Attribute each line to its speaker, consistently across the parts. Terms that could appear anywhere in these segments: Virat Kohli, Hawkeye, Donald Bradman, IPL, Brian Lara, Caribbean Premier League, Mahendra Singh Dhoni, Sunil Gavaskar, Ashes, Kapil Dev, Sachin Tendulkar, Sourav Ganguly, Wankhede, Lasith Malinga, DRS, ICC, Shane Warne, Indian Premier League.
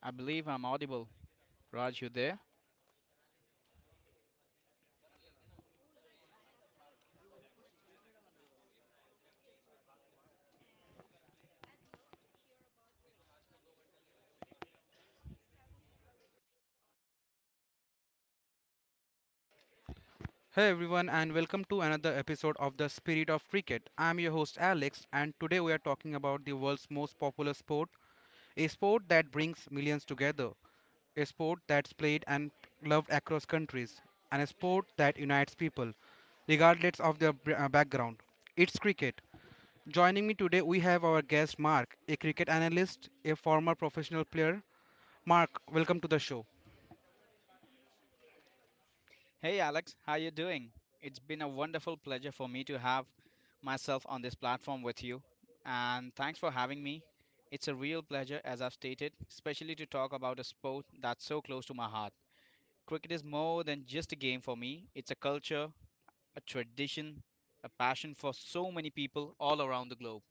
Speaker 1: I believe I'm audible. Raj, you there?
Speaker 2: Hey everyone, and welcome to another episode of The Spirit of Cricket. I'm your host Alex, and today we are talking about the world's most popular sport, a sport that brings millions together, a sport that's played and loved across countries, and a sport that unites people, regardless of their background. It's cricket. Joining me today, we have our guest Mark, a cricket analyst, a former professional player. Mark, welcome to the show.
Speaker 1: Hey Alex, how you doing? It's been a wonderful pleasure for me to have myself on this platform with you, and thanks for having me. It's a real pleasure, as I've stated, especially to talk about a sport that's so close to my heart. Cricket is more than just a game for me. It's a culture, a tradition, a passion for so many people all around the globe.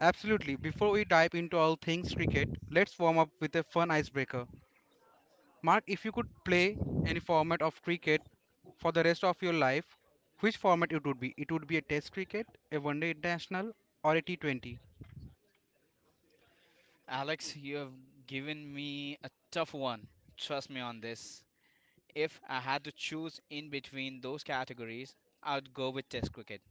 Speaker 2: Absolutely. Before we dive into all things cricket, let's warm up with a fun icebreaker. Mark, if you could play any format of cricket for the rest of your life, which format it would be? It would be a test cricket, a one-day international, or a T20.
Speaker 1: Alex, you have given me a tough one. Trust me on this. If I had to choose in between those categories, I would go with Test cricket.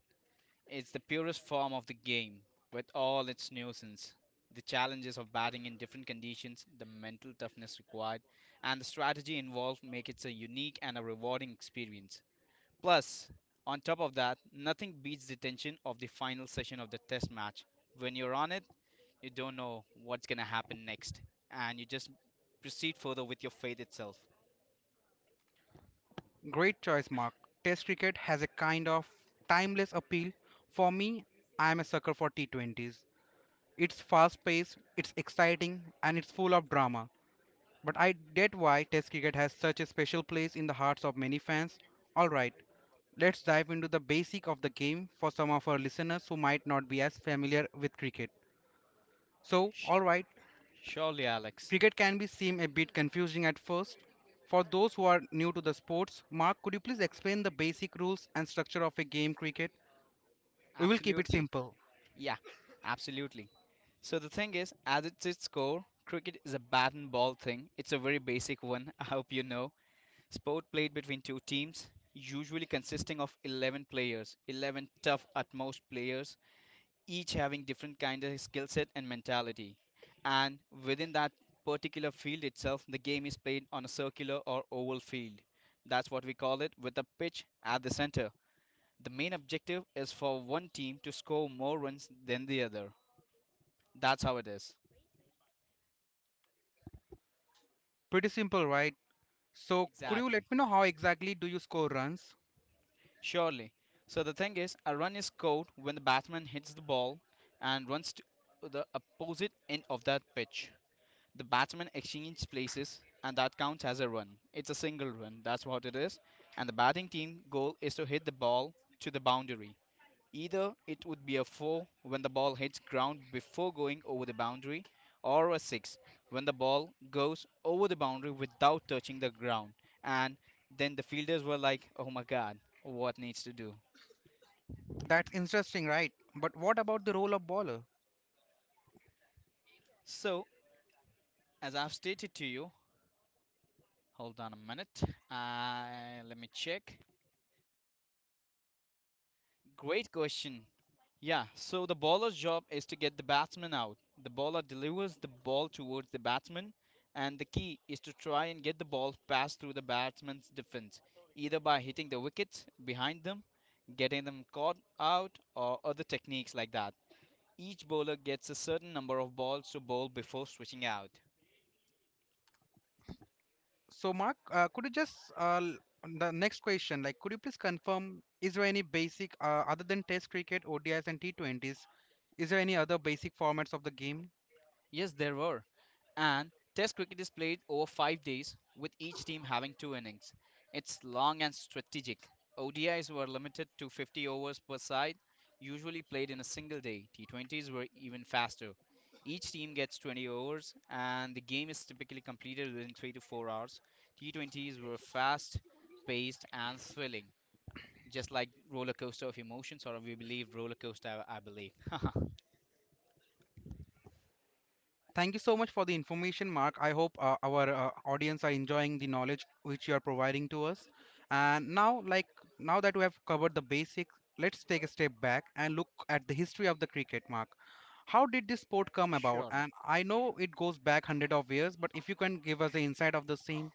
Speaker 1: It's the purest form of the game, with all its nuisance. The challenges of batting in different conditions, the mental toughness required, and the strategy involved make it a unique and a rewarding experience. Plus, on top of that, nothing beats the tension of the final session of the Test match. When you're on it, you don't know what's going to happen next, and you just proceed further with your faith itself.
Speaker 2: Great choice, Mark. Test cricket has a kind of timeless appeal. For me, I am a sucker for T20s. It's fast paced, it's exciting, and it's full of drama. But I get why Test cricket has such a special place in the hearts of many fans. Alright, let's dive into the basic of the game for some of our listeners who might not be as familiar with cricket. So, alright,
Speaker 1: Surely, Alex.
Speaker 2: cricket can be seem a bit confusing at first. For those who are new to the sports, Mark, could you please explain the basic rules and structure of a game cricket? We will keep it
Speaker 1: Absolutely.
Speaker 2: simple.
Speaker 1: Yeah, absolutely. So the thing is, as it's its core, cricket is a bat and ball thing. It's a very basic one, I hope you know. Sport played between two teams, usually consisting of 11 players, 11 tough at most players, each having different kind of skill set and mentality. And within that particular field itself, the game is played on a circular or oval field. That's what we call it, with a pitch at the center. The main objective is for one team to score more runs than the other. That's how it is.
Speaker 2: Pretty simple, right? So, could you
Speaker 1: Exactly.
Speaker 2: let me know how exactly do you score runs?
Speaker 1: Surely. So the thing is, a run is scored when the batsman hits the ball and runs to the opposite end of that pitch. The batsman exchanges places and that counts as a run. It's a single run. That's what it is. And the batting team goal is to hit the ball to the boundary. Either it would be a 4 when the ball hits ground before going over the boundary, or a 6 when the ball goes over the boundary without touching the ground. And then the fielders were like, oh my god, what needs to do?
Speaker 2: That's interesting, right? But what about the role of bowler?
Speaker 1: So, as I've stated to you, hold on a minute, let me check. Great question. Yeah, so the bowler's job is to get the batsman out. The bowler delivers the ball towards the batsman, and the key is to try and get the ball passed through the batsman's defense, either by hitting the wickets behind them, getting them caught out, or other techniques like that. Each bowler gets a certain number of balls to bowl before switching out.
Speaker 2: So, Mark, could you just on the next question, like, could you please confirm, is there any basic other than Test cricket, ODIs, and T20s? Is there any other basic formats of the game?
Speaker 1: Yes, there were. And Test cricket is played over 5 days, with each team having two innings. It's long and strategic. ODIs were limited to 50 overs per side, usually played in a single day. T20s were even faster. Each team gets 20 overs, and the game is typically completed within 3 to 4 hours. T20s were fast, paced, and thrilling, just like roller coaster of emotions, or we believe roller coaster, I believe.
Speaker 2: Thank you so much for the information, Mark. I hope our audience are enjoying the knowledge which you are providing to us. And now, like now that we have covered the basics, let's take a step back and look at the history of the cricket, Mark. How did this sport come about?
Speaker 1: Surely.
Speaker 2: And I know it goes back hundred of years, but if you can give us the insight of the same.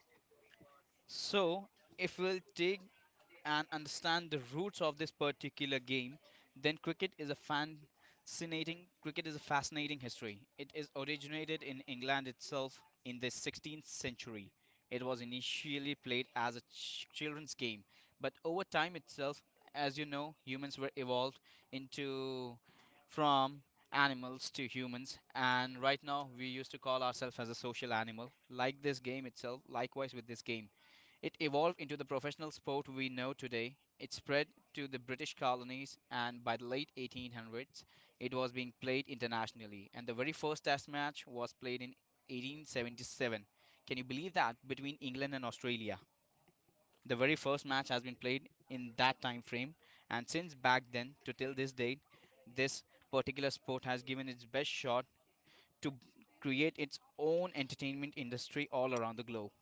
Speaker 1: So, if we'll take and understand the roots of this particular game, then cricket is a fascinating history. It is originated in England itself in the 16th century. It was initially played as a children's game, but over time itself, as you know, humans were evolved into from animals to humans, and right now we used to call ourselves as a social animal like this game itself, likewise with this game it evolved into the professional sport we know today. It spread to the British colonies, and by the late 1800s, it was being played internationally. And the very first Test match was played in 1877. Can you believe that? Between England and Australia. The very first match has been played in that time frame, and since back then to till this date, this particular sport has given its best shot to create its own entertainment industry all around the globe.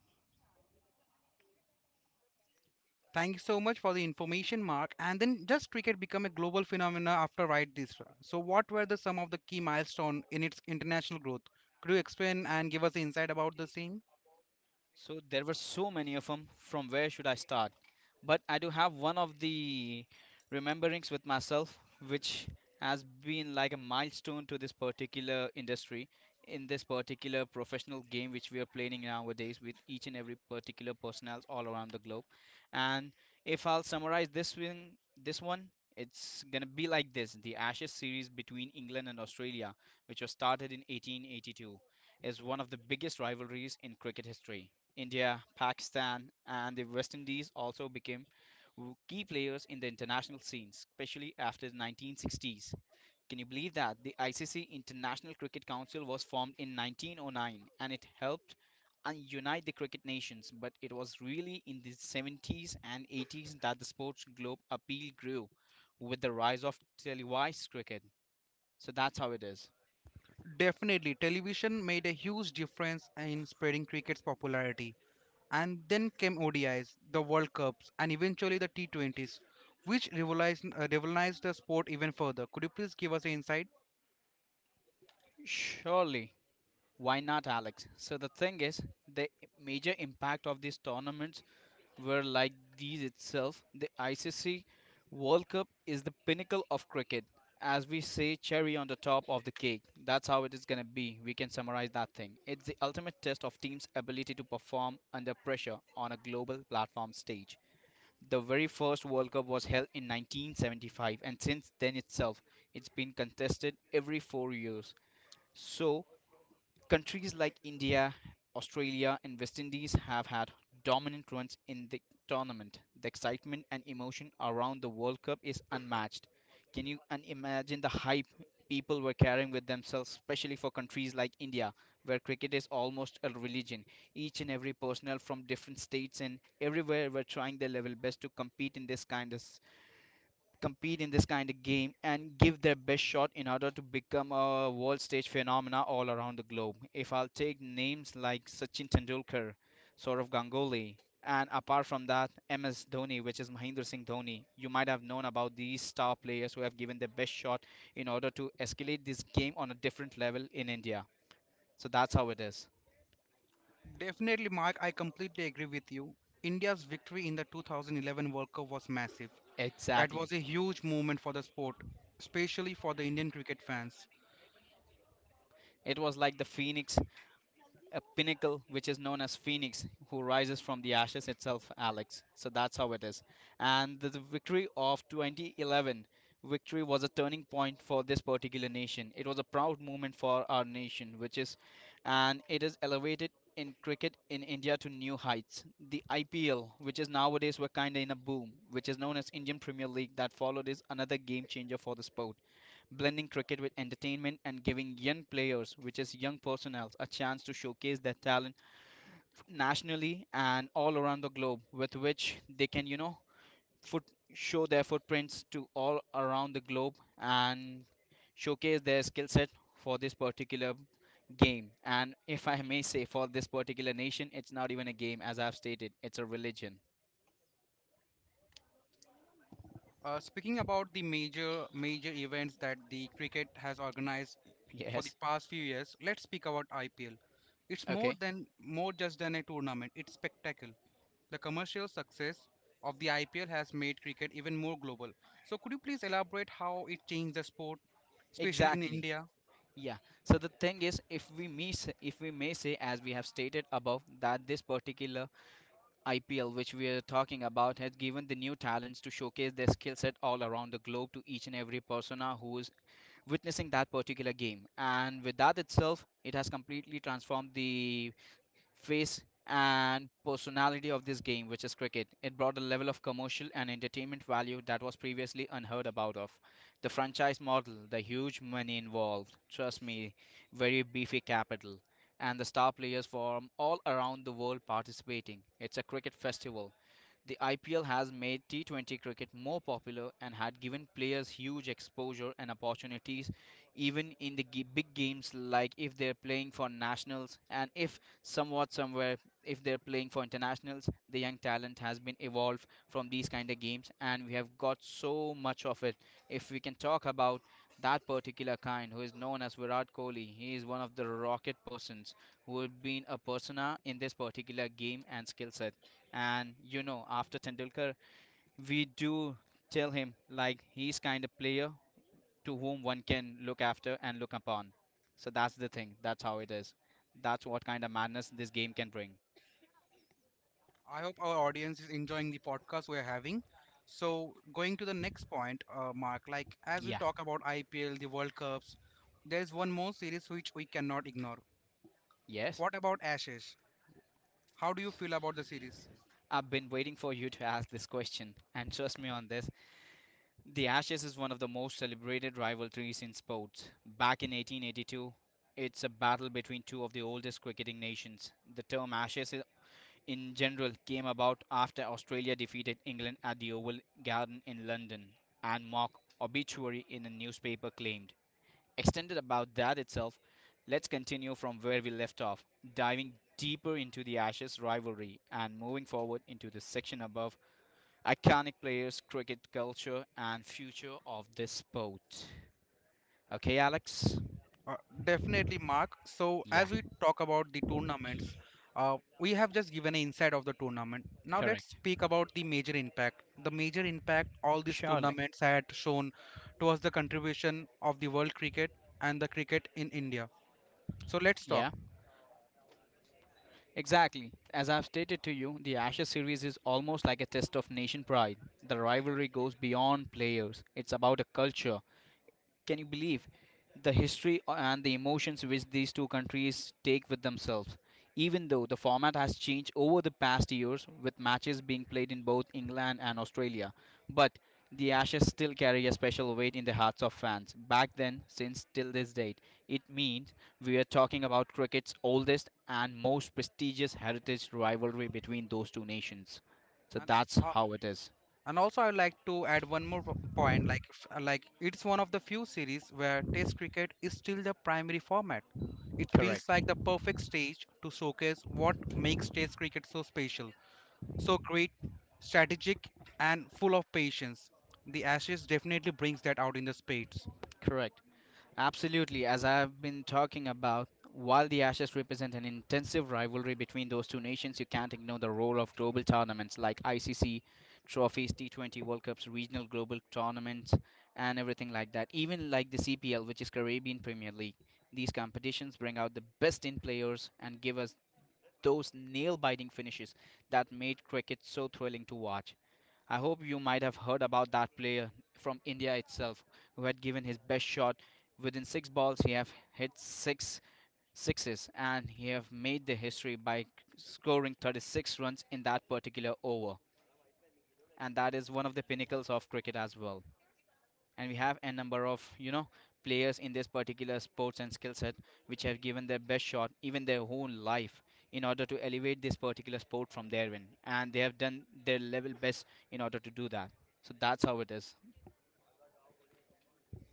Speaker 2: Thank you so much for the information, Mark. And then does cricket become a global phenomenon after Right this? So what were the some of the key milestones in its international growth? Could you explain and give us insight about the same?
Speaker 1: So there were so many of them. From where should I start? But I do have one of the rememberings with myself, which has been like a milestone to this particular industry, in this particular professional game which we are playing nowadays with each and every particular personnel all around the globe. And if I'll summarize this one, it's gonna be like this: the Ashes series between England and Australia, which was started in 1882, is one of the biggest rivalries in cricket history. India, Pakistan, and the West Indies also became key players in the international scene, especially after the 1960s. Can you believe that? The ICC International Cricket Council was formed in 1909 and it helped and unite the cricket nations, but it was really in the 70s and 80s that the sports globe appeal grew with the rise of televised cricket. So that's how it is.
Speaker 2: Definitely, television made a huge difference in spreading cricket's popularity. And then came ODIs, the World Cups, and eventually the T20s, which revolutionized the sport even further. Could you please give us an insight?
Speaker 1: Surely. Why not, Alex? So the thing is, the major impact of these tournaments were like these itself. The ICC World Cup is the pinnacle of cricket, as we say, cherry on the top of the cake. That's how it is going to be. We can summarize that thing. It's the ultimate test of teams' ability to perform under pressure on a global platform stage. The very first World Cup was held in 1975, and since then itself, it's been contested every 4 years. So countries like India, Australia, and West Indies have had dominant runs in the tournament. The excitement and emotion around the World Cup is unmatched. Can you imagine the hype people were carrying with themselves, especially for countries like India, where cricket is almost a religion? Each and every personnel from different states and everywhere were trying their level best to compete in this kind of game and give their best shot in order to become a world stage phenomena all around the globe. If I'll take names like Sachin Tendulkar, Sourav Ganguly, and apart from that, MS Dhoni, which is Mahindra Singh Dhoni, you might have known about these star players who have given their best shot in order to escalate this game on a different level in India. So that's how it is.
Speaker 2: Definitely, Mark, I completely agree with you. India's victory in the 2011 World Cup was massive. That
Speaker 1: Exactly.
Speaker 2: was a huge moment for the sport, especially for the Indian cricket fans.
Speaker 1: It was like the phoenix a pinnacle which is known as Phoenix, who rises from the ashes itself, Alex. So that's how it is. And the victory of 2011 victory was a turning point for this particular nation. It was a proud moment for our nation, which is, and it is elevated in cricket in India to new heights. The IPL, which is nowadays we're kind of in a boom, which is known as Indian Premier League, that followed is another game changer for the sport, blending cricket with entertainment and giving young players, which is young personnel, a chance to showcase their talent nationally and all around the globe, with which they can, you know, foot show their footprints to all around the globe and showcase their skill set for this particular game. And if I may say, for this particular nation, it's not even a game, as I've stated, it's a religion.
Speaker 2: Speaking about the major events that the cricket has organized for the
Speaker 1: Yes.
Speaker 2: past few years, let's speak about IPL. It's more
Speaker 1: Okay.
Speaker 2: than more just than a tournament. It's spectacle. The commercial success of the IPL has made cricket even more global. So could you please elaborate how it changed the sport, especially in
Speaker 1: Exactly.
Speaker 2: India?
Speaker 1: Yeah. So the thing is, if we may say, as we have stated above, that this particular IPL which we are talking about has given the new talents to showcase their skill set all around the globe to each and every persona who is witnessing that particular game, and with that itself, it has completely transformed the face and personality of this game, which is cricket. It brought a level of commercial and entertainment value that was previously unheard about of. The franchise model, the huge money involved, trust me, very beefy capital, and the star players from all around the world participating. It's a cricket festival. The IPL has made T20 cricket more popular and had given players huge exposure and opportunities, even in the big games, like if they're playing for nationals, and if somewhat somewhere, if they're playing for internationals, the young talent has been evolved from these kind of games, and we have got so much of it. If we can talk about that particular kind, who is known as Virat Kohli, he is one of the rocket persons who have been a persona in this particular game and skill set. And you know, after Tendulkar, we do tell him like he's kind of player to whom one can look after and look upon. So that's the thing. That's how it is. That's what kind of madness this game can bring.
Speaker 2: I hope our audience is enjoying the podcast we're having. So, going to the next point, Mark, like as we
Speaker 1: Yeah.
Speaker 2: talk about IPL, the World Cups, there's one more series which we cannot ignore.
Speaker 1: Yes.
Speaker 2: What about Ashes? How do you feel about the series?
Speaker 1: I've been waiting for you to ask this question, and trust me on this. The Ashes is one of the most celebrated rivalries in sports. Back in 1882, it's a battle between two of the oldest cricketing nations. The term Ashes in general came about after Australia defeated England at the Oval Garden in London, and mock obituary in a newspaper claimed. Extended about that itself, let's continue from where we left off, diving deeper into the Ashes rivalry and moving forward into the section above iconic players, cricket culture, and future of this sport. Okay, Alex?
Speaker 2: Uh, Definitely, Mark. So,
Speaker 1: Yeah,
Speaker 2: as we talk about the tournaments, we have just given an insight of the tournament. Now, let's
Speaker 1: correct.
Speaker 2: speak about the major impact. The major impact all these
Speaker 1: Surely.
Speaker 2: tournaments had shown towards the contribution of the world cricket and the cricket in India. So let's talk
Speaker 1: Yeah. Exactly. As I've stated to you, the Ashes series is almost like a test of nation pride. The rivalry goes beyond players, it's about a culture, can you believe the history and the emotions which these two countries take with themselves? Even though the format has changed over the past years, with matches being played in both England and Australia, but the Ashes still carry a special weight in the hearts of fans. Back then, since till this date, it means we are talking about cricket's oldest and most prestigious heritage rivalry between those two nations. So
Speaker 2: and,
Speaker 1: that's
Speaker 2: uh,
Speaker 1: how it is.
Speaker 2: and also I would like to add one more like it's one of the few series where test cricket is still the primary format. It feels
Speaker 1: Correct.
Speaker 2: like the perfect stage to showcase what makes test cricket so special, so great, strategic, and full of patience. The ashes definitely brings that out in the spades.
Speaker 1: Correct. Absolutely, as I've been talking about, while the Ashes represent an intensive rivalry between those two nations, you can't ignore the role of global tournaments like ICC trophies, T20 World Cups, regional global tournaments, and everything like that. Even like the CPL, which is Caribbean Premier League. These competitions bring out the best in players and give us those nail biting finishes that made cricket so thrilling to watch. I hope you might have heard about that player from India itself who had given his best shot. Within six balls, he have hit six sixes and he have made the history by scoring 36 runs in that particular over. And that is one of the pinnacles of cricket as well, and we have a number of players in this particular sports and skill set which have given their best shot even their whole life in order to elevate this particular sport from therein, and they have done their level best in order to do that. So that's how it is.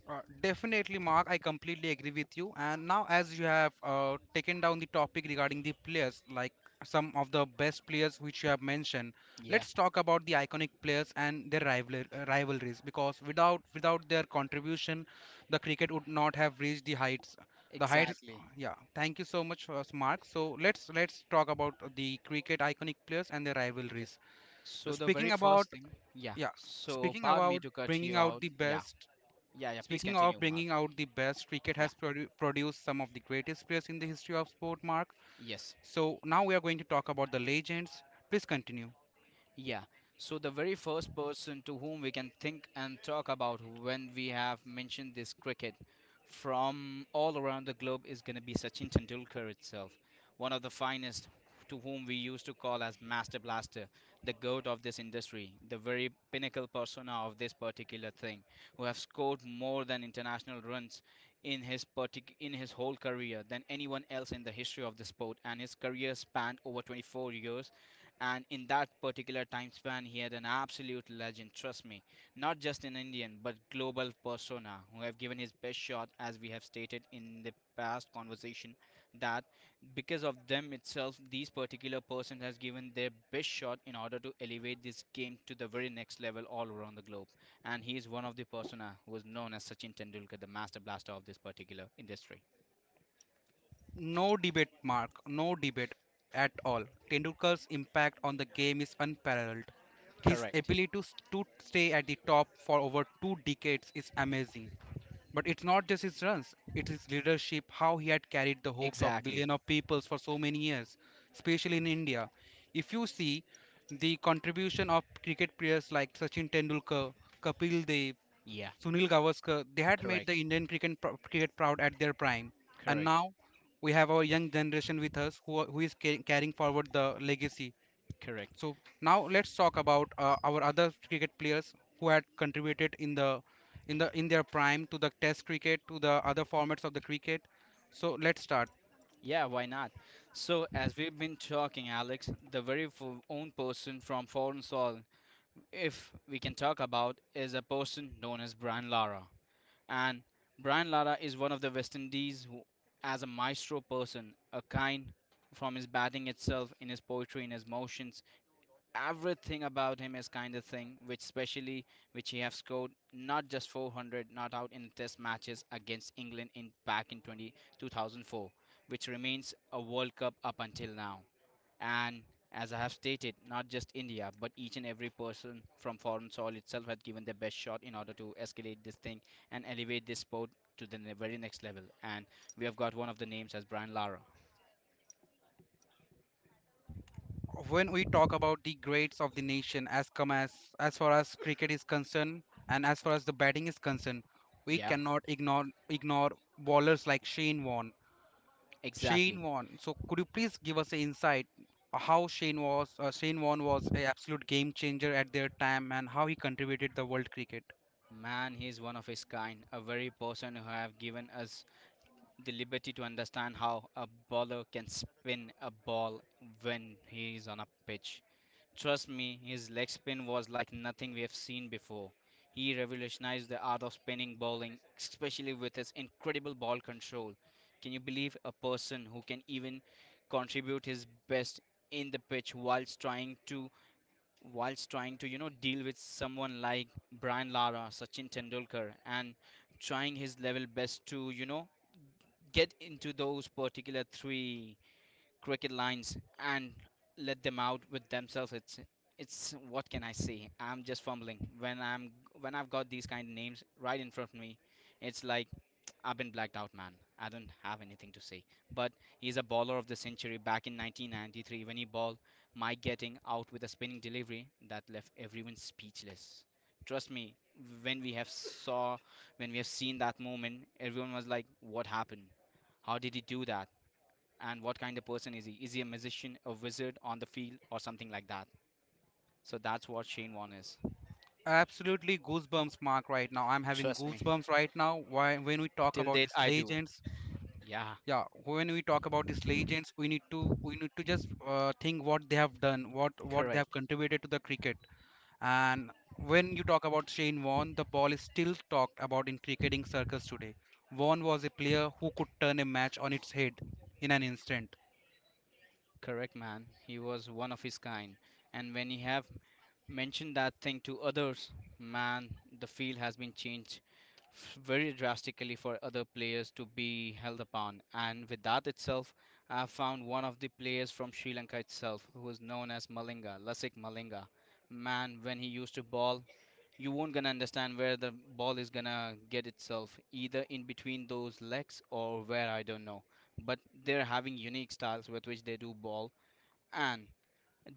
Speaker 2: Definitely, Mark. I completely agree with you. And now, as you have taken down the topic regarding the players, like some of the best players which you have mentioned,
Speaker 1: Yeah,
Speaker 2: let's talk about the iconic players and their rivalries. Because without their contribution, the cricket would not have reached the heights. The heights.
Speaker 1: exactly.
Speaker 2: Yeah. Thank you so much, Mark. So let's talk about the cricket iconic players and their
Speaker 1: Yes.
Speaker 2: rivalries.
Speaker 1: So the very
Speaker 2: Speaking about
Speaker 1: first thing, yeah,
Speaker 2: yeah,
Speaker 1: so
Speaker 2: speaking
Speaker 1: pardon me
Speaker 2: about
Speaker 1: to cut
Speaker 2: bringing
Speaker 1: you
Speaker 2: out
Speaker 1: out.
Speaker 2: the
Speaker 1: Yeah,
Speaker 2: best.
Speaker 1: yeah, yeah, please
Speaker 2: Speaking of
Speaker 1: continue, Mark.
Speaker 2: bringing out the best, cricket
Speaker 1: Yeah.
Speaker 2: has produced some of the greatest players in the history of sport, Mark.
Speaker 1: Yes.
Speaker 2: So now we are going to talk about the legends. Please continue.
Speaker 1: Yeah. So the very first person to whom we can think and talk about when we have mentioned this cricket from all around the globe is going to be Sachin Tendulkar itself, one of the finest, to whom we used to call as Master Blaster, the goat of this industry, the very pinnacle persona of this particular thing, who have scored more than international runs in his whole career than anyone else in the history of the sport, and his career spanned over 24 years, and in that particular time span he had an absolute legend, trust me. Not just an Indian, but global persona who have given his best shot. As we have stated in the past conversation, that because of them itself, these particular person has given their best shot in order to elevate this game to the very next level all around the globe. And he is one of the persona who is known as Sachin Tendulkar, the Master Blaster of this particular industry.
Speaker 2: No debate, Mark. No debate at all. Tendulkar's impact on the game is unparalleled. His
Speaker 1: Correct.
Speaker 2: ability to, to stay at the top for over two decades is amazing. But it's not just his runs, it's his leadership, how he had carried the hopes of
Speaker 1: Exactly.
Speaker 2: billions of peoples for so many years, especially in India. If you see the contribution of cricket players like Sachin Tendulkar, Kapil Dev,
Speaker 1: Yeah.
Speaker 2: Sunil Gavaskar, they had made the
Speaker 1: Correct.
Speaker 2: Indian cricket, cricket proud at their prime. And
Speaker 1: Correct.
Speaker 2: now we have our young generation with us who is carrying forward the legacy.
Speaker 1: Correct.
Speaker 2: So now let's talk about our other cricket players who had contributed in the in their prime to the test cricket to the other formats of the cricket. So let's start.
Speaker 1: Yeah, why not? So, as we've been talking, Alex, the own person from Foreign Soil, if we can talk about, is a person known as Brian Lara. And Brian Lara is one of the West Indies, who, as a maestro person, a kind, from his batting itself, in his poetry, in his motions, everything about him is kind of thing which especially which he have scored not just 400 not out in test matches against England in back in 2004, which remains a world cup up until now. And as I have stated, not just India but each and every person from Foreign Soil itself had given their best shot in order to escalate this thing and elevate this sport to the very next level, and we have got one of the names as Brian Lara.
Speaker 2: When we talk about the greats of the nation as come as far as cricket is concerned and as far as the batting is
Speaker 1: Yeah,
Speaker 2: concerned, we cannot ignore bowlers like Shane Warne.
Speaker 1: exactly.
Speaker 2: Shane Warne, so could you please give us an insight how Shane Warne was a absolute game changer at their time and how he contributed the world cricket.
Speaker 1: Man, he is one of his kind, a very person who have given us the liberty to understand how a bowler can spin a ball when he is on a pitch. Trust me, his leg spin was like nothing we have seen before. He revolutionized the art of spinning bowling, especially with his incredible ball control. Can you believe a person who can even contribute his best in the pitch whilst trying to deal with someone like Brian Lara, Sachin Tendulkar, and trying his level best to get into those particular three cricket lines and let them out with themselves. It's, what can I say? I'm just fumbling when I'm when I've got these kind of names right in front of me. It's like I've been blacked out, man. I don't have anything to say. But he's a bowler of the century back in 1993 when he bowled Mike, getting out with a spinning delivery that left everyone speechless. Trust me, when we have saw when we have seen that moment, everyone was like, what happened? How did he do that? And what kind of person is he? Is he a musician, a wizard on the field, or something like that? So that's what Shane Warne is.
Speaker 2: Absolutely goosebumps, Mark. Right now I'm having
Speaker 1: Trust me,
Speaker 2: goosebumps right now. Why when we talk
Speaker 1: till
Speaker 2: about
Speaker 1: date
Speaker 2: these
Speaker 1: I do.
Speaker 2: legends,
Speaker 1: Yeah,
Speaker 2: yeah, when we talk about these legends we need to, we need to just think what they have done, what they have
Speaker 1: correct.
Speaker 2: contributed to the cricket. And when you talk about Shane Warne, the ball is still talked about in cricketing circles today. Warne was a player who could turn a match on its head in an instant.
Speaker 1: Correct, man. He was one of his kind. And when he have mentioned that thing to others, man, the field has been changed very drastically for other players to be held upon. And with that itself, I have found one of the players from Sri Lanka itself, who is known as Malinga, Lasik Malinga. Man, when he used to ball, you won't gonna understand where the ball is gonna get itself, either in between those legs or where, I don't know, but they're having unique styles with which they do ball. And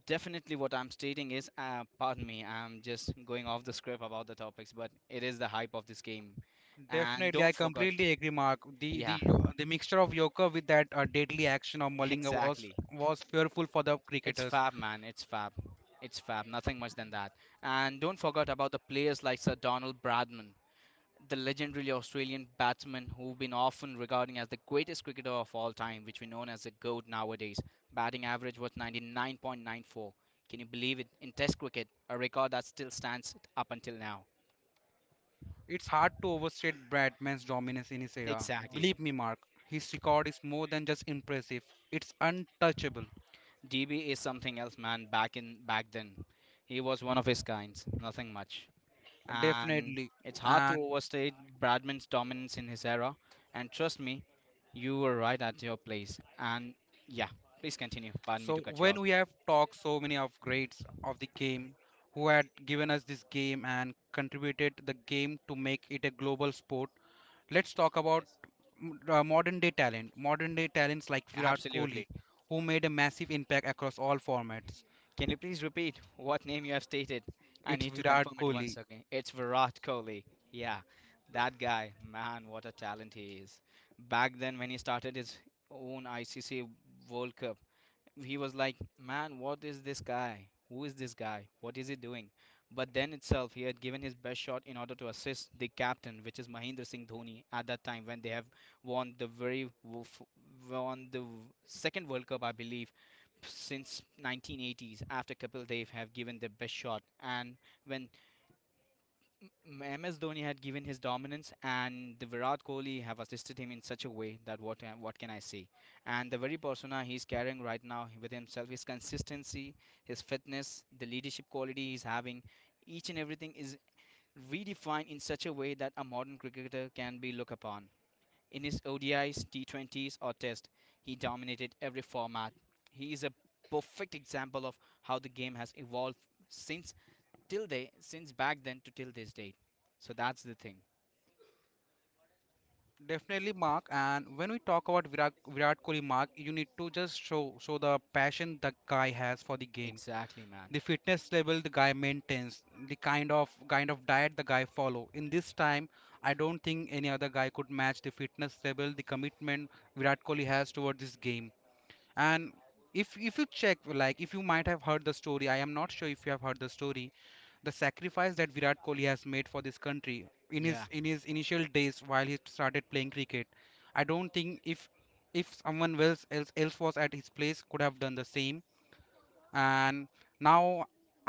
Speaker 1: definitely what I'm stating is, pardon me, I'm just going off the script about the topics, but it is the hype of this game. And
Speaker 2: Definitely, I
Speaker 1: don't forget.
Speaker 2: completely agree, Mark. The
Speaker 1: Yeah.
Speaker 2: the mixture of Yorker with that deadly action of Malinga
Speaker 1: Exactly.
Speaker 2: was fearful for the
Speaker 1: It's
Speaker 2: cricketers.
Speaker 1: fab, man, it's fab. It's fab, nothing much than that. And don't forget about the players like Sir Donald Bradman, the legendary Australian batsman who've been often regarded as the greatest cricketer of all time, which we know as the GOAT nowadays. Batting average was 99.94. Can you believe it? In Test cricket, a record that still stands up until now.
Speaker 2: It's hard to overstate Bradman's dominance in his era.
Speaker 1: Exactly.
Speaker 2: Believe me, Mark, his record is more than just impressive, it's untouchable,
Speaker 1: DB is something else, man. Back then, he was one of his kinds. Nothing much, and
Speaker 2: definitely.
Speaker 1: it's hard to
Speaker 2: And
Speaker 1: overstate Bradman's dominance in his era. And trust me, you were right at your place. And yeah, please continue. Pardon me
Speaker 2: so,
Speaker 1: to cut you
Speaker 2: when
Speaker 1: out.
Speaker 2: we have talked so many of greats of the game who had given us this game and contributed the game to make it a global sport, let's talk about
Speaker 1: Yes.
Speaker 2: modern day talent. Modern day talents like Virat Kohli,
Speaker 1: Absolutely.
Speaker 2: who made a massive impact across all formats.
Speaker 1: Can you please repeat what name you have stated? I
Speaker 2: It's
Speaker 1: need to
Speaker 2: Virat
Speaker 1: confirm it once
Speaker 2: Kohli.
Speaker 1: again. It's Virat Kohli. Yeah, that guy, man, what a talent he is. Back then, when he started his own ICC World Cup, he was like, man, what is this guy? Who is this guy? What is he doing? But then itself, he had given his best shot in order to assist the captain, which is Mahendra Singh Dhoni, at that time when they have won the very wo- f- won the w- second World Cup, I believe, since 1980s. After Kapil Dev have given their best shot, and when MS Dhoni had given his dominance, and the Virat Kohli have assisted him in such a way that, what can I say? And the very persona he's carrying right now with himself, his consistency, his fitness, the leadership quality he's having, each and everything is redefined in such a way that a modern cricketer can be looked upon. In his ODIs, T20s, or Test, he dominated every format. He is a perfect example of how the game has evolved since till day, since back then to till this date. So that's the thing.
Speaker 2: Definitely, Mark. And when we talk about Virat, Virat Kohli, Mark, you need to just show the passion the guy has for the game,
Speaker 1: Exactly, man.
Speaker 2: the fitness level the guy maintains, the kind of diet the guy follow. In this time, I don't think any other guy could match the fitness level, the commitment Virat Kohli has towards this game. And if you check, like if you might have heard the story, I am not sure if you have heard the story, the sacrifice that Virat Kohli has made for this country in
Speaker 1: Yeah,
Speaker 2: his initial days while he started playing cricket, I don't think if someone else was at his place could have done the same. And now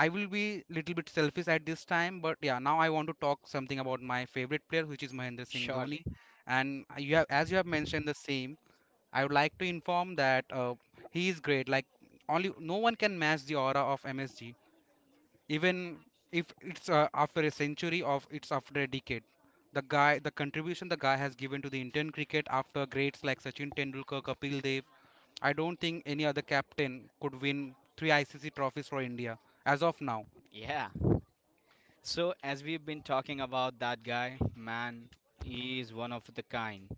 Speaker 2: I will be little bit selfish at this time, but yeah, now I want to talk something about my favorite player which is Mahendra Singh Dhoni.
Speaker 1: surely.
Speaker 2: And you have, as you have mentioned the same, I would like to inform that he is great. Like only no one can match the aura of MSG, even if it's after a century of it's after a decade. The guy, the contribution the guy has given to the Indian cricket after greats like Sachin Tendulkar, Kapil Dev, I don't think any other captain could win three ICC trophies for India as of now.
Speaker 1: Yeah. So as we've been talking about that guy, man, he is one of the kind.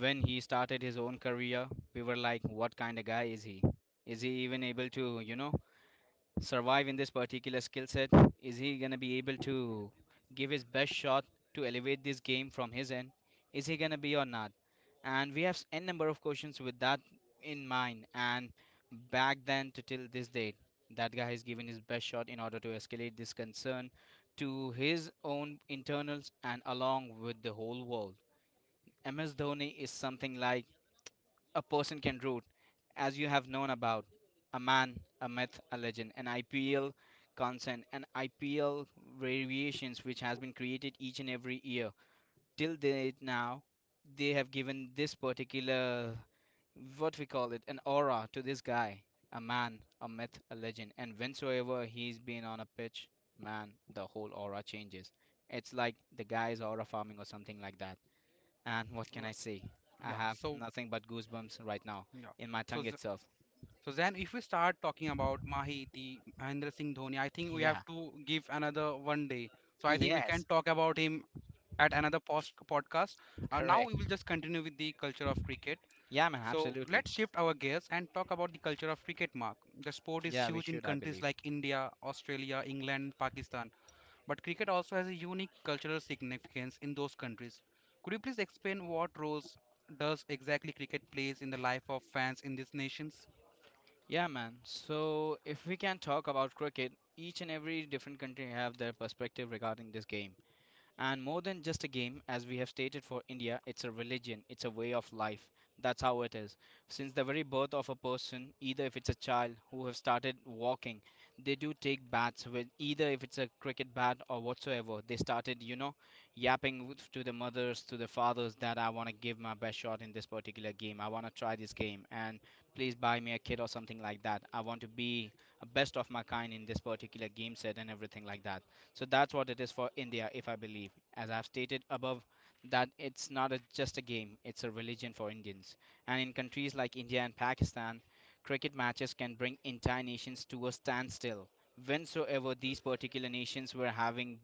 Speaker 1: When he started his own career, we were like, what kind of guy is he? Is he even able to, you know, survive in this particular skill set? Is he going to be able to give his best shot to elevate this game from his end? Is he going to be or not? And we have n number of questions with that in mind. And back then to till this date, that guy has given his best shot in order to escalate this concern to his own internals and along with the whole world. MS Dhoni is something like a person can root, as you have known about, a man, a myth, a legend, an IPL consent, an IPL variations which has been created each and every year. Till date now, they have given this particular, what we call it, an aura to this guy, a man, a myth, a legend, and whensoever he's been on a pitch, man, the whole aura changes. It's like the guy is aura farming or something like that. And what can I
Speaker 2: Like,
Speaker 1: say? I
Speaker 2: yeah,
Speaker 1: have
Speaker 2: so
Speaker 1: nothing but goosebumps right now
Speaker 2: yeah,
Speaker 1: in my
Speaker 2: so
Speaker 1: tongue itself.
Speaker 2: so then, if we start talking about Mahi, the Mahendra Singh Dhoni, I think we have
Speaker 1: Yeah.
Speaker 2: to give another one day. So I think we
Speaker 1: Yes.
Speaker 2: can talk about him at another post podcast. Now
Speaker 1: Correct.
Speaker 2: we will just continue with the culture of cricket.
Speaker 1: Yeah, man.
Speaker 2: So
Speaker 1: Absolutely.
Speaker 2: let's shift our gears and talk about the culture of cricket, Mark. The sport is
Speaker 1: Yeah, we
Speaker 2: huge in
Speaker 1: should, I
Speaker 2: countries
Speaker 1: believe.
Speaker 2: like India, Australia, England, Pakistan. But cricket also has a unique cultural significance in those countries. Could you please explain what roles does exactly cricket plays in the life of fans in these nations?
Speaker 1: Yeah, man. So if we can talk about cricket, each and every different country have their perspective regarding this game. And more than just a game, as we have stated for India, it's a religion, it's a way of life. That's how it is. Since the very birth of a person, either if it's a child who have started walking, they do take bats with either if it's a cricket bat or whatsoever. They started, to the mothers, to the fathers, that I want to give my best shot in this particular game. I want to try this game and please buy me a kit or something like that. I want to be a best of my kind in this particular game set and everything like that. So that's what it is for India, if I believe. As I've stated above, that it's not a, just a game, it's a religion for Indians. And in countries like India and Pakistan, cricket matches can bring entire nations to a standstill. Whensoever these particular nations were having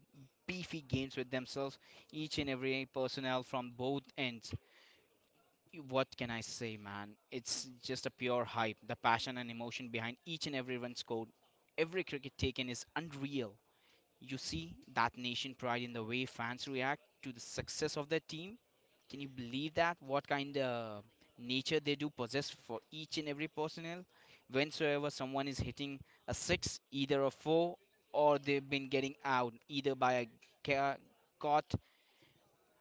Speaker 1: beefy games with themselves, each and every personnel from both ends. What can I say, man? It's just a pure hype. The passion and emotion behind each and every run scored, every cricket taken is unreal. You see that nation pride in the way fans react to the success of their team. Can you believe that? What kind of nature they do possess for each and every personnel? Whensoever someone is hitting a six, either a four, or they've been getting out either by a ca- caught,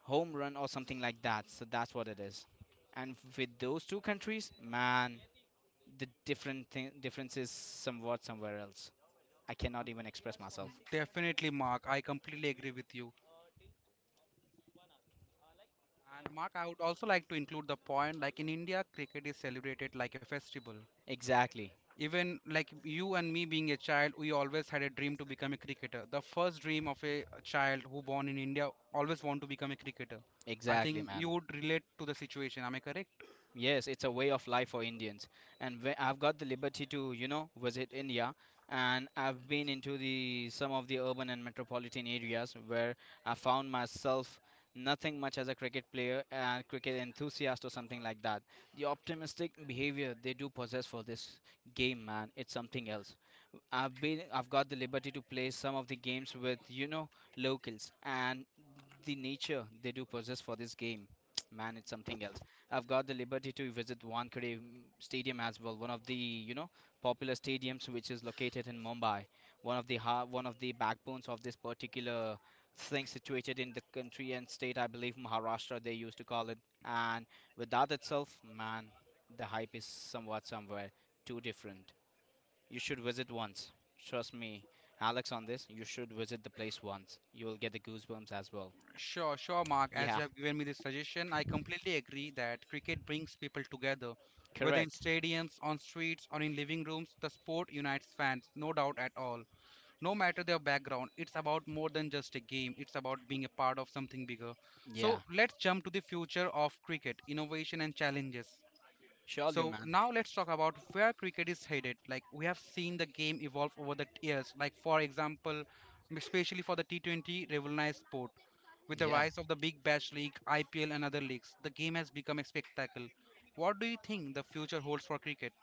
Speaker 1: home run or something like that. So that's what it is. And with those two countries, man, the difference is somewhat somewhere else. I cannot even express myself.
Speaker 2: Definitely, Mark. I completely agree with you. And Mark, I would also like to include the point like in India, cricket is celebrated like a festival.
Speaker 1: Exactly.
Speaker 2: Even like you and me being a child, we always had a dream to become a cricketer. The first dream of a child who born in India always want to become a cricketer. I
Speaker 1: Exactly,
Speaker 2: think you
Speaker 1: man.
Speaker 2: would relate to the situation. Am I correct?
Speaker 1: Yes, it's a way of life for Indians. And when I've got the liberty to, visit India, and I've been into the some of the urban and metropolitan areas where I found myself nothing much as a cricket player and cricket enthusiast or something like that. The optimistic behavior they do possess for this game, man, it's something else. I've got the liberty to play some of the games with locals and the nature they do possess for this game. Man, it's something else. I've got the liberty to visit Wankhede Stadium as well, one of the popular stadiums which is located in Mumbai. One of the backbones of this particular thing situated in the country and state, I believe Maharashtra they used to call it. And with that itself, man, the hype is somewhat somewhere too different. You should visit once. Trust me, Alex, on this, you should visit the place once. You will get the goosebumps as well.
Speaker 2: Sure, sure, Mark. As
Speaker 1: Yeah,
Speaker 2: you have given me this suggestion, I completely agree that cricket brings people together. Whether in
Speaker 1: correct.
Speaker 2: stadiums, on streets, or in living rooms, the sport unites fans, no doubt at all. No matter their background, it's about more than just a game, it's about being a part of something bigger.
Speaker 1: Yeah,
Speaker 2: So, let's jump to the future of cricket, innovation, and challenges.
Speaker 1: surely,
Speaker 2: So
Speaker 1: man.
Speaker 2: now let's talk about where cricket is headed. Like we have seen the game evolve over the years. Like for example, especially for the T20 revolutionized sport. With the
Speaker 1: Yeah.
Speaker 2: rise of the Big Bash League, IPL and other leagues, the game has become a spectacle. What do you think the future holds for cricket?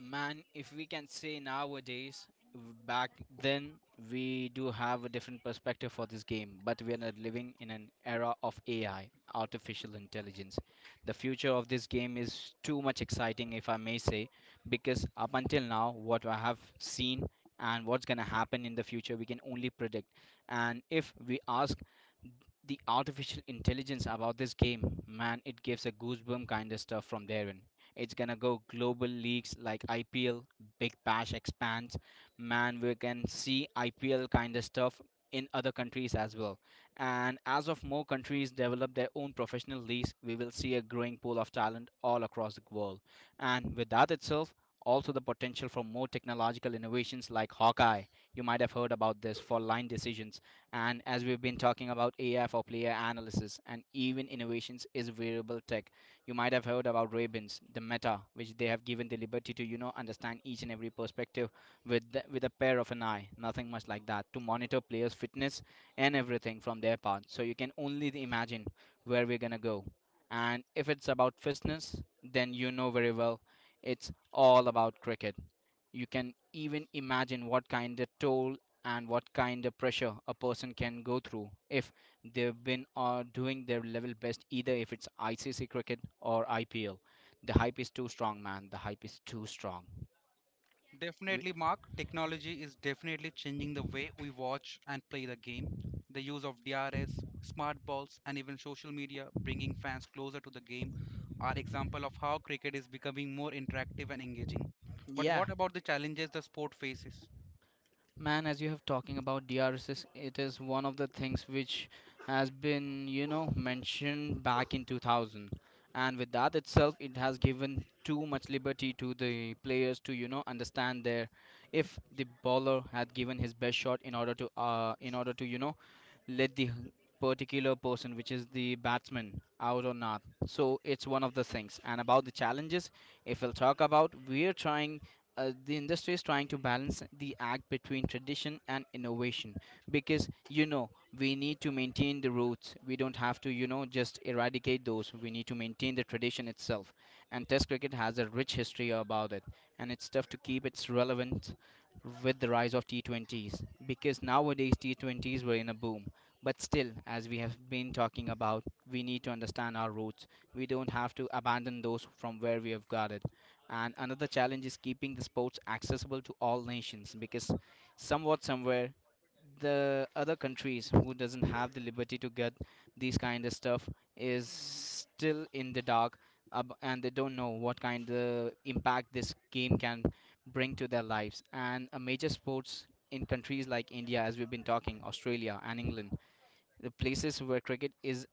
Speaker 1: Man, if we can say nowadays, back then we do have a different perspective for this game, but we are not living in an era of AI, artificial intelligence. The future of this game is too much exciting, if I may say, because up until now, what I have seen and what's going to happen in the future, we can only predict. And if we ask the artificial intelligence about this game, man, it gives a goosebump kind of stuff from therein. It's gonna go global leagues like IPL, Big Bash expands. Man, we can see IPL kind of stuff in other countries as well. And as of more countries develop their own professional leagues, we will see a growing pool of talent all across the world. And with that itself, also the potential for more technological innovations like Hawkeye. You might have heard about this for line decisions. And as we've been talking about AI for player analysis and even innovations is variable tech. You might have heard about Rabins, the meta, which they have given the liberty to, understand each and every perspective with with a pair of an eye, nothing much like that, to monitor players' fitness and everything from their part. So you can only imagine where we're gonna go. And if it's about fitness, then you know very well it's all about cricket. You can even imagine what kind of toll and what kind of pressure a person can go through if they've been doing their level best, either if it's ICC cricket or IPL. The hype is too strong, man. The hype is too strong. We,
Speaker 2: Definitely, Mark. Technology is definitely changing the way we watch and play the game. The use of DRS, smart balls, and even social media bringing fans closer to the game are example of how cricket is becoming more interactive and engaging. But
Speaker 1: yeah,
Speaker 2: what about the challenges the sport faces?
Speaker 1: man, as you have talking about DRSs, it is one of the things which has been, mentioned back in 2000. And with that itself, it has given too much liberty to the players to, understand their, if the bowler had given his best shot in order to, in order to, let the particular person, which is the batsman, out or not. So it's one of the things. And about the challenges, if we'll talk about, we're trying the industry is trying to balance the act between tradition and innovation, because, you know, we need to maintain the roots. We don't have to, just eradicate those. We need to maintain the tradition itself. And test cricket has a rich history about it, and it's tough to keep its relevance with the rise of T20s, because nowadays T20s were in a boom. But still, as we have been talking about, we need to understand our roots. We don't have to abandon those from where we have got it. And another challenge is keeping the sports accessible to all nations, because somewhat somewhere the other countries who doesn't have the liberty to get these kind of stuff is still in the dark, and they don't know what kind of impact this game can bring to their lives. And a major sports in countries like India, as we've been talking, Australia and England, the places where cricket is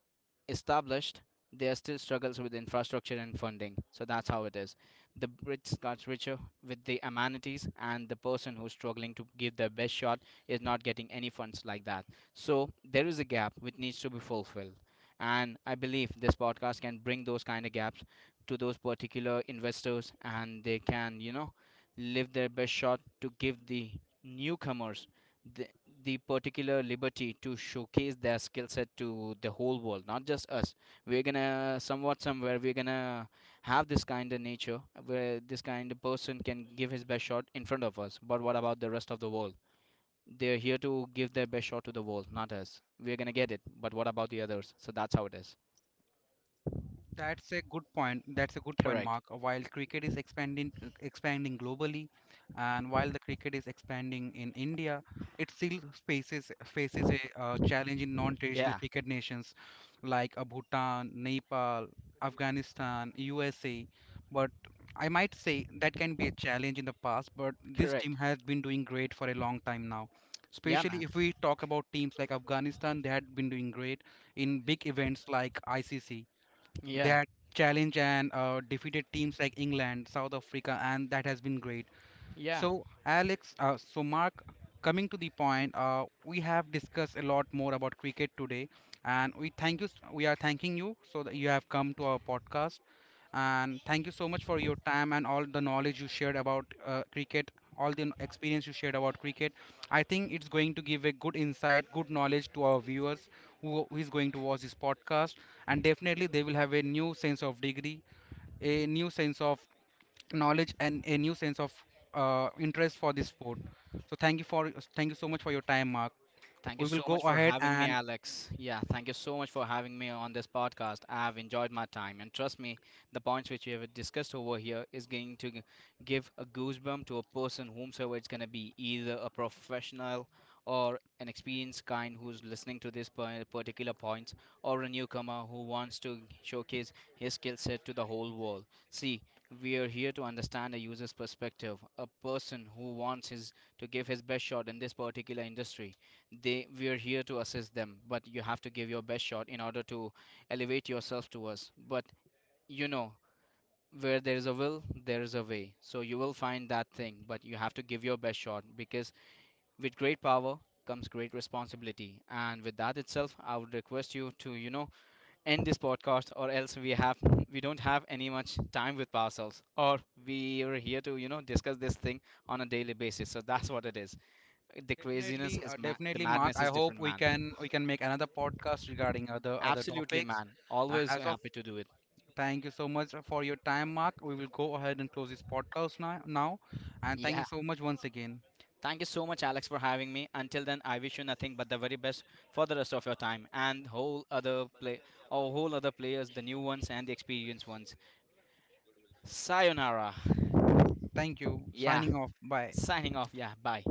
Speaker 1: established, there are still struggles with infrastructure and funding. So that's how it is. The rich gets richer with the amenities, and the person who's struggling to give their best shot is not getting any funds like that. So there is a gap which needs to be fulfilled. And I believe this podcast can bring those kind of gaps to those particular investors, and they can, live their best shot to give the newcomers the the particular liberty to showcase their skill set to the whole world, not just us. We're gonna Somewhat somewhere, we're gonna have this kind of nature where this kind of person can give his best shot in front of us, but what about the rest of the world? They're here to give their best shot to the world, not us. We're gonna get it, but what about the others? So that's how it is.
Speaker 2: That's a good point. That's a good point,
Speaker 1: Correct.
Speaker 2: Mark. While cricket is expanding globally, and while the cricket is expanding in India, it still faces a challenge in non-traditional
Speaker 1: Yeah,
Speaker 2: cricket nations like Bhutan, Nepal, Afghanistan, USA. But I might say that can be a challenge in the past, but this team
Speaker 1: correct.
Speaker 2: has been doing great for a long time now.
Speaker 1: Yeah,
Speaker 2: Especially
Speaker 1: man.
Speaker 2: if we talk about teams like Afghanistan, they had been doing great in big events like ICC. They
Speaker 1: Yeah.
Speaker 2: had challenged and defeated teams like England, South Africa, and that has been great.
Speaker 1: Yeah.
Speaker 2: So, Alex, so Mark, coming to the point, we have discussed a lot more about cricket today, and we thank you. We are thanking you so that you have come to our podcast, and thank you so much for your time and all the knowledge you shared about cricket, all the experience you shared about cricket. I think it's going to give a good insight, good knowledge to our viewers who is going to watch this podcast, and definitely they will have a new sense of degree a new sense of knowledge and a new sense of interest for this sport. So thank you for thank you so much for your time, Mark.
Speaker 1: Thank you
Speaker 2: We will
Speaker 1: so
Speaker 2: go
Speaker 1: much for
Speaker 2: ahead
Speaker 1: having me,
Speaker 2: and
Speaker 1: Alex. Yeah, thank you so much for having me on this podcast. I've enjoyed my time, and trust me, the points which we have discussed over here is going to give a goosebump to a person, whomsoever it's going to be, either a professional or an experienced kind who's listening to this particular points, or a newcomer who wants to showcase his skill set to the whole world. See, we are here to understand a user's perspective, a person who wants his to give his best shot in this particular industry. They We're here to assist them, but you have to give your best shot in order to elevate yourself to us. But, you know, where there is a will, there is a way, so you will find that thing. But you have to give your best shot, because with great power comes great responsibility. And with that itself, I would request you to, end this podcast, or else we have, we don't have any much time with ourselves. Or we are here to, discuss this thing on a daily basis. So that's what it is. The
Speaker 2: definitely,
Speaker 1: the
Speaker 2: definitely, Mark.
Speaker 1: madness
Speaker 2: I
Speaker 1: is
Speaker 2: hope
Speaker 1: different,
Speaker 2: we
Speaker 1: man.
Speaker 2: can we can make another podcast regarding other
Speaker 1: Absolutely,
Speaker 2: topics.
Speaker 1: man.
Speaker 2: And
Speaker 1: Always
Speaker 2: as of
Speaker 1: happy to do it.
Speaker 2: thank you so much for your time, Mark. We will go ahead and close this podcast now. Now, and thank
Speaker 1: Yeah.
Speaker 2: you so much once again.
Speaker 1: Thank you so much, Alex, for having me. Until then, I wish you nothing but the very best for the rest of your time and or whole other players, the new ones and the experienced ones. Sayonara.
Speaker 2: Thank you.
Speaker 1: Yeah.
Speaker 2: Signing off. Bye.
Speaker 1: Signing off. Yeah. Bye.